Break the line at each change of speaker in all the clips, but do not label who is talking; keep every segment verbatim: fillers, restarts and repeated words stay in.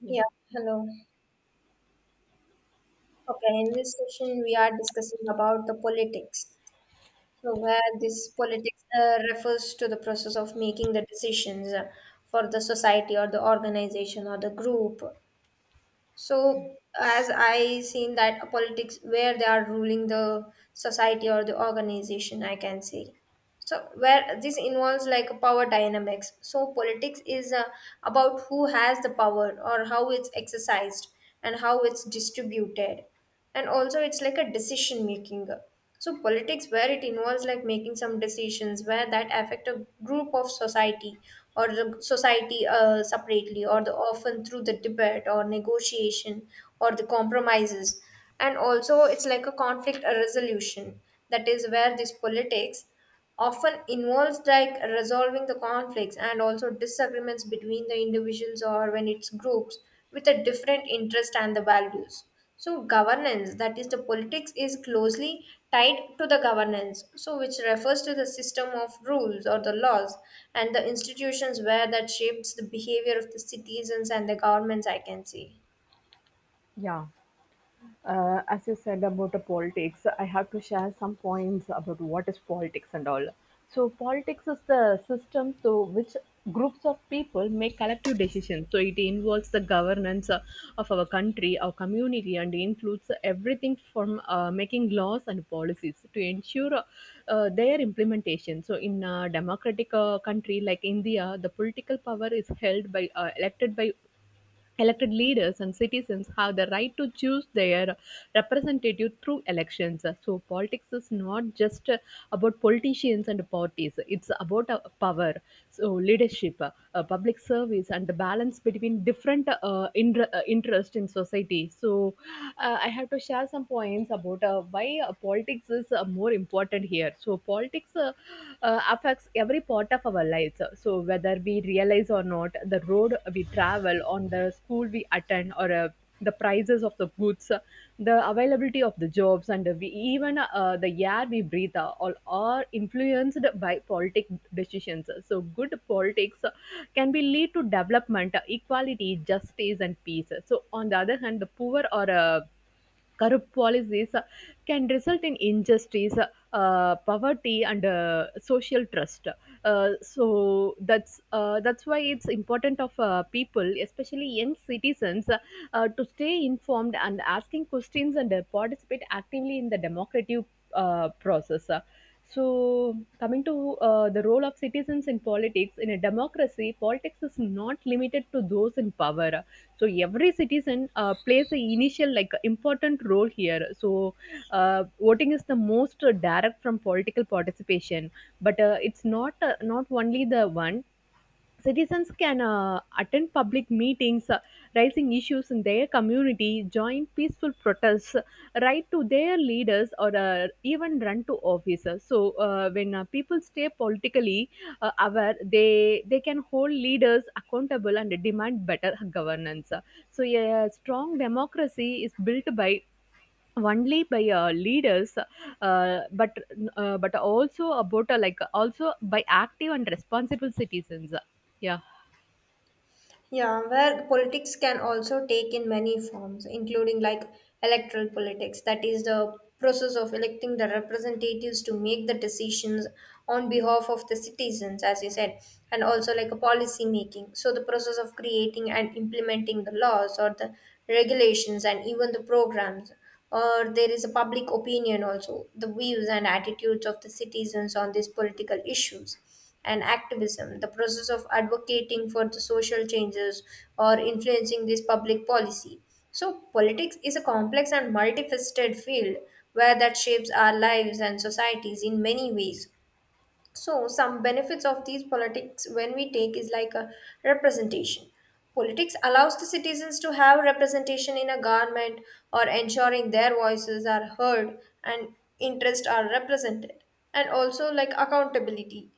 Yeah.
Yeah, hello. Okay, in this session we are discussing about the politics. So where this politics uh, refers to the process of making the decisions uh, for the society or the organization or the group. So as I seen that politics where they are ruling the society or the organization, I can say. So where this involves like power dynamics, so politics is uh, about who has the power or how it's exercised and how it's distributed, and also it's like a decision making. So politics where it involves like making some decisions where that affect a group of society or the society uh, separately or the often through the debate or negotiation or the compromises, and also it's like a conflict a resolution. That is where this politics often involves like resolving the conflicts and also disagreements between the individuals or when it's groups with a different interest and the values. So governance, that is the politics is closely tied to the governance, so which refers to the system of rules or the laws and the institutions where that shapes the behavior of the citizens and the governments, I can see.
Yeah, uh, as you said about the politics, I have to share some points about what is politics and all. So, politics is the system through which groups of people make collective decisions. So, it involves the governance uh, of our country, our community, and includes everything from uh, making laws and policies to ensure uh, uh, their implementation. So, in a democratic uh, country like India, the political power is held by uh, elected by Elected leaders and citizens have the right to choose their representative through elections. So, politics is not just uh, about politicians and parties, it's about uh, power, so leadership, uh, public service, and the balance between different uh, inter- uh, interests in society. So, uh, I have to share some points about uh, why uh, politics is uh, more important here. So, politics. Uh, uh, affects every part of our lives. So, whether we realize or not, the road we travel, on the school we attend, or uh, the prices of the goods, the availability of the jobs, and we, even uh, the air we breathe uh, all are influenced by politic decisions. So, good politics can be lead to development, equality, justice, and peace. So, on the other hand, the poor or uh, corrupt policies uh, can result in injustice, uh, poverty, and uh, social trust. Uh, so that's uh, that's why it's important of uh, people, especially young citizens, uh, uh, to stay informed and asking questions and uh, participate actively in the democratic uh, process. Uh, So, coming to uh, the role of citizens in politics, in a democracy, politics is not limited to those in power, so every citizen uh, plays an initial like important role here. So uh, voting is the most uh, direct from political participation, but uh, it's not uh, not only the one. Citizens can uh, attend public meetings, uh, raising issues in their community, join peaceful protests, write to their leaders, or uh, even run to office. So, uh, when uh, people stay politically uh, aware, they they can hold leaders accountable and demand better governance. So, a strong democracy is built by only by uh, leaders uh, but uh, but also about uh, like also by active and responsible citizens. Yeah.
Yeah, where politics can also take in many forms, including like electoral politics, that is the process of electing the representatives to make the decisions on behalf of the citizens, as you said, and also like a policy making. So the process of creating and implementing the laws or the regulations and even the programs, or there is a public opinion also, the views and attitudes of the citizens on these political issues, and activism, the process of advocating for the social changes or influencing this public policy. So, politics is a complex and multifaceted field where that shapes our lives and societies in many ways. So, some benefits of these politics when we take is like a representation. Politics allows the citizens to have representation in a government or ensuring their voices are heard and interests are represented, and also like accountability.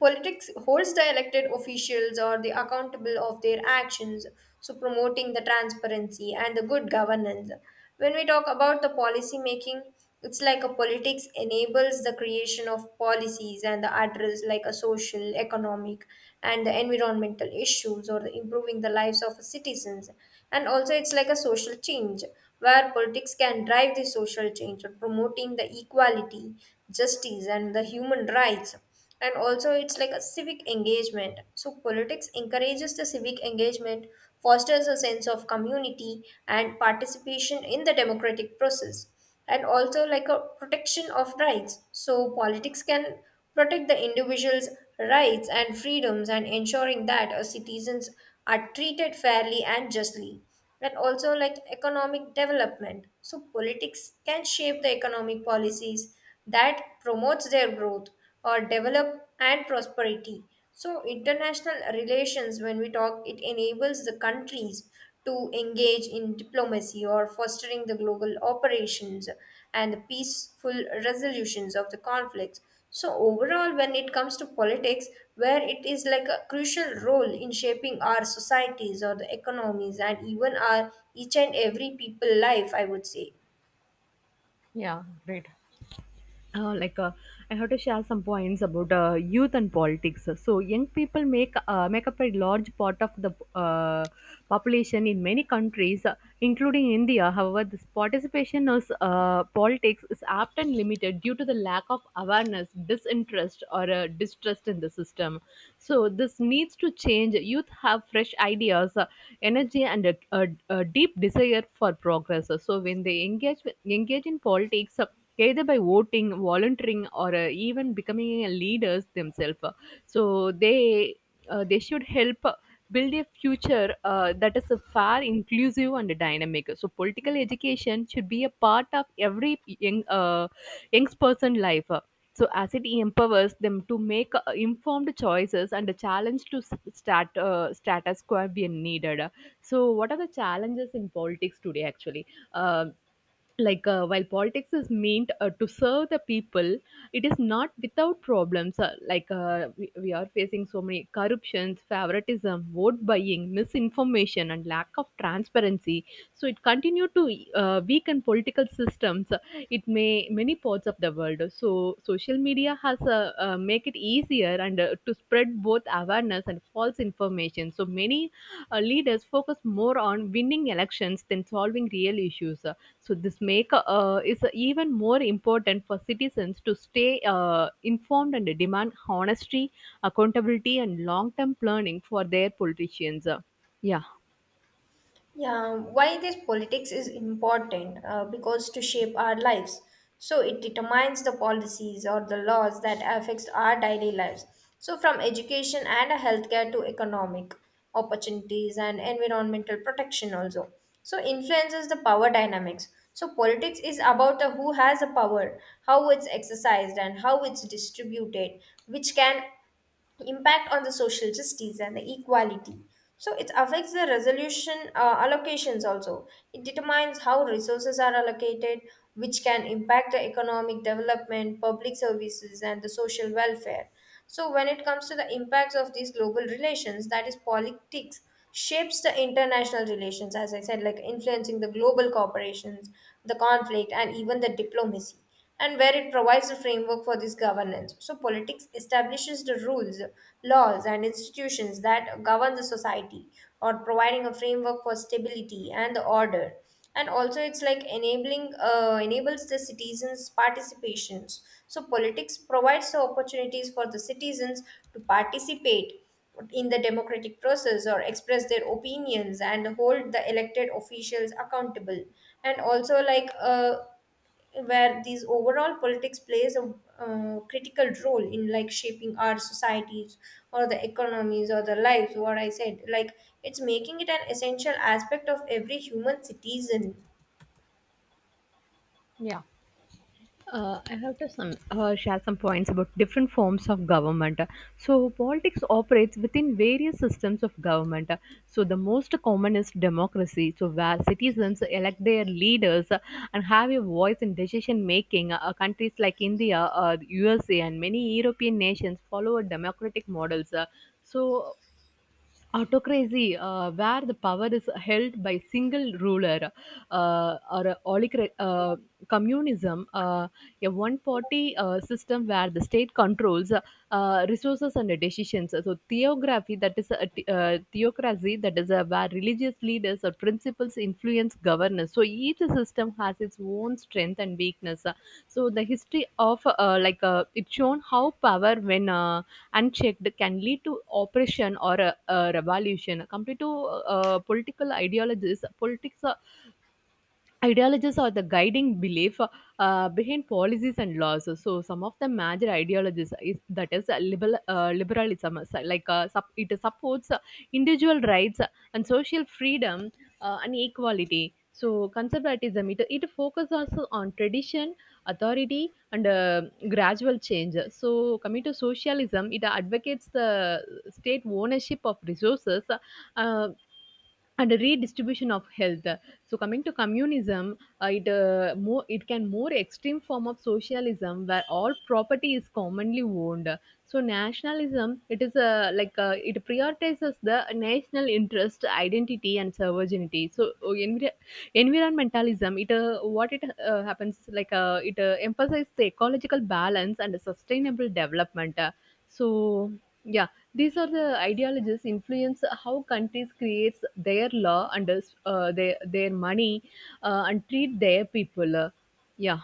Politics holds the elected officials or the accountable of their actions, so promoting the transparency and the good governance. When we talk about the policy making, it's like a politics enables the creation of policies and the address like a social, economic, and the environmental issues or the improving the lives of citizens. And also, it's like a social change where politics can drive the social change, promoting the equality, justice, and the human rights, and also it's like a civic engagement. So politics encourages the civic engagement, fosters a sense of community and participation in the democratic process, and also like a protection of rights. So politics can protect the individual's rights and freedoms and ensuring that uh, citizens are treated fairly and justly, and also like economic development. So politics can shape the economic policies that promotes their growth or develop and prosperity. So international relations, when we talk, it enables the countries to engage in diplomacy or fostering the global operations and the peaceful resolutions of the conflicts. So overall, when it comes to politics, where it is like a crucial role in shaping our societies or the economies and even our each and every people life, I would say.
Yeah, right. Uh, like uh, I have to share some points about uh, youth and politics. So young people make uh, make up a large part of the uh, population in many countries, uh, including India. However, this participation is uh, politics is often limited due to the lack of awareness, disinterest, or uh, distrust in the system. So this needs to change. Youth have fresh ideas, uh, energy, and a, a, a deep desire for progress. So when they engage with, engage in politics uh, either by voting, volunteering, or uh, even becoming leaders themselves. So they uh, they should help build a future uh, that is uh, far inclusive and dynamic. So political education should be a part of every young uh, young person life. So as it empowers them to make uh, informed choices and a challenge to s- stat, uh, status quo when needed. So what are the challenges in politics today actually? Um like uh, while politics is meant uh, to serve the people, it is not without problems. Uh, like uh, we, we are facing so many corruptions, favoritism, vote buying, misinformation, and lack of transparency. So it continue to uh, weaken political systems. It may many parts of the world. So social media has uh, uh, make it easier and uh, to spread both awareness and false information. So many uh, leaders focus more on winning elections than solving real issues. So this make uh, is even more important for citizens to stay uh, informed and demand honesty, accountability, and long-term planning for their politicians. Yeah.
Yeah, why this politics is important? Uh, because to shape our lives. So it determines the policies or the laws that affects our daily lives. So from education and healthcare to economic opportunities and environmental protection also. So influences the power dynamics. So politics is about the who has the power, how it's exercised and how it's distributed, which can impact on the social justice and the equality. So it affects the resolution uh, allocations also. It determines how resources are allocated, which can impact the economic development, public services, and the social welfare. So when it comes to the impacts of these global relations, that is politics shapes the international relations, as I said, like influencing the global corporations, the conflict, and even the diplomacy, and where it provides a framework for this governance. So, politics establishes the rules, laws, and institutions that govern the society, or providing a framework for stability and the order. And also, it's like enabling uh, enables the citizens' participations. So, politics provides the opportunities for the citizens to participate in the democratic process or express their opinions and hold the elected officials accountable, and also like uh, where these overall politics plays a uh, critical role in like shaping our societies or the economies or the lives what I said, like it's making it an essential aspect of every human citizen.
Yeah. Uh, I have to some, uh, share some points about different forms of government. So, politics operates within various systems of government. So, the most common is democracy, so where citizens elect their leaders and have a voice in decision making. Uh, countries like India, uh, U S A, and many European nations follow democratic models. Uh, so, autocracy uh, where the power is held by single ruler uh, or a oligarch- uh, communism uh, a one party uh, system where the state controls uh, resources and decisions. So theography, that is a t- uh, theocracy, that is a, where religious leaders or principles influence governance. So each system has its own strength and weakness. So the history of uh, like uh, it shown how power when uh, unchecked can lead to oppression or a, a revolution. Come to uh, political ideologies, politics ideologies are the guiding belief uh, behind policies and laws. So, some of the major ideologies is that is uh, liberal uh, liberalism, so like uh, sup- it supports uh, individual rights and social freedom uh, and equality. So, conservatism, it it focuses also on tradition, authority, and uh, gradual change. So, coming to socialism, it advocates the state ownership of resources, uh, and a redistribution of health. So coming to communism, uh, it uh, more it can more extreme form of socialism where all property is commonly owned. So nationalism, it is a like uh, it prioritizes the national interest, identity, and sovereignty. So uh, envir- environmentalism, it uh, what it uh, happens like uh, it uh, emphasizes the ecological balance and the sustainable development. Uh, so yeah, these are the ideologies influence how countries creates their law and uh, their their money uh, and treat their people. Uh, yeah.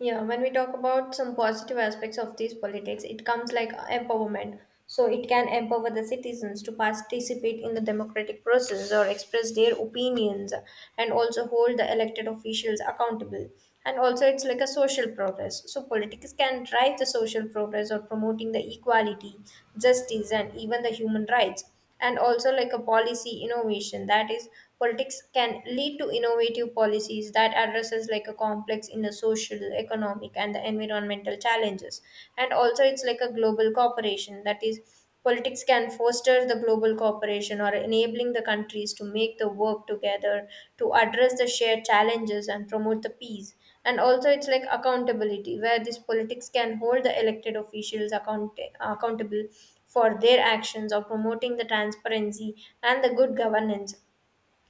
Yeah, when we talk about some positive aspects of these politics, it comes like empowerment. So it can empower the citizens to participate in the democratic process or express their opinions and also hold the elected officials accountable. And also, it's like a social progress. So politics can drive the social progress or promoting the equality, justice, and even the human rights, and also like a policy innovation. That is, politics can lead to innovative policies that addresses like a complex in the social economic and the environmental challenges, and also it's like a global cooperation. That is, politics can foster the global cooperation or enabling the countries to make the work together to address the shared challenges and promote the peace, and also it's like accountability, where this politics can hold the elected officials account- accountable for their actions of promoting the transparency and the good governance.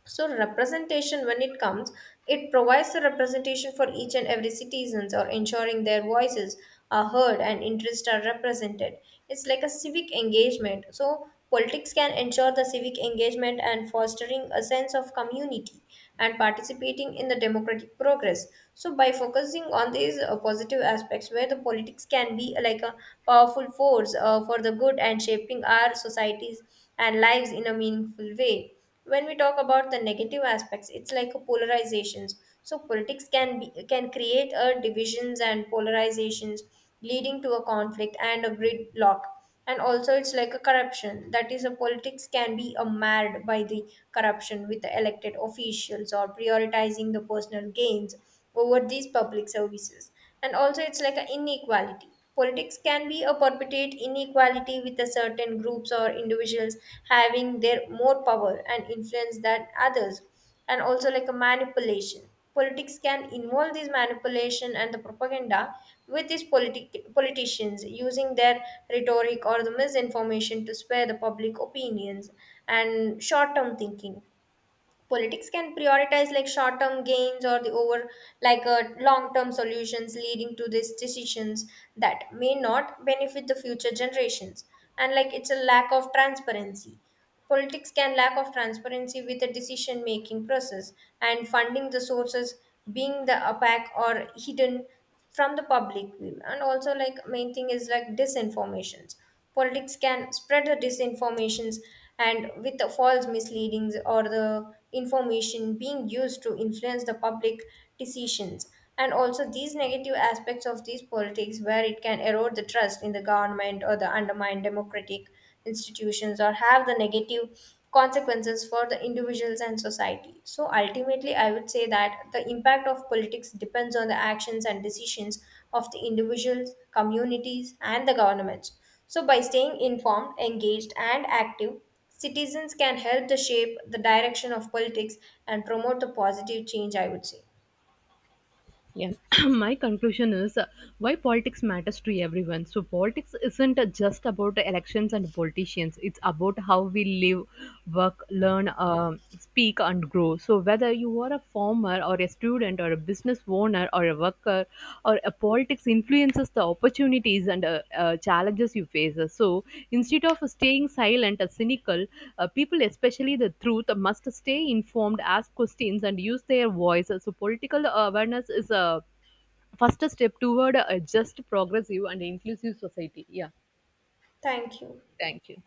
So representation, when it comes, it provides the representation for each and every citizens or ensuring their voices are heard and interests are represented. It's like a civic engagement. So politics can ensure the civic engagement and fostering a sense of community and participating in the democratic progress. So by focusing on these uh, positive aspects where the politics can be like a powerful force uh, for the good and shaping our societies and lives in a meaningful way. When we talk about the negative aspects, it's like a polarizations. So politics can be can create a divisions and polarizations, leading to a conflict and a gridlock, and also it's like a corruption. That is, a politics can be a marred by the corruption with the elected officials or prioritizing the personal gains over these public services, and also it's like an inequality. Politics can be a perpetuate inequality with a certain groups or individuals having their more power and influence than others, and also like a manipulation. Politics can involve this manipulation and the propaganda with these politi- politicians using their rhetoric or the misinformation to sway the public opinions, and short term thinking, politics can prioritize like short term gains or the over like uh, long term solutions, leading to these decisions that may not benefit the future generations, and like it's a lack of transparency. Politics can lack of transparency with the decision making process and funding the sources being the opaque or hidden from the public view, and also like main thing is like disinformations. Politics can spread the disinformations and with the false misleadings or the information being used to influence the public decisions, and also these negative aspects of these politics where it can erode the trust in the government or the undermine democratic institutions or have the negative consequences for the individuals and society. So ultimately, I would say that the impact of politics depends on the actions and decisions of the individuals, communities, and the governments. So, by staying informed, engaged, and active, citizens can help to shape the direction of politics and promote the positive change, I would say.
Yeah. My conclusion is uh, why politics matters to everyone. So politics isn't uh, just about elections and politicians. It's about how we live, work, learn, um speak, and grow. So whether you are a farmer or a student or a business owner or a worker, or a politics influences the opportunities and uh, uh, challenges you face. So instead of staying silent or cynical, uh, people, especially the truth, must stay informed, ask questions, and use their voice. So, political awareness is a first step toward a just, progressive, and inclusive society. Yeah,
Thank you.
thank you.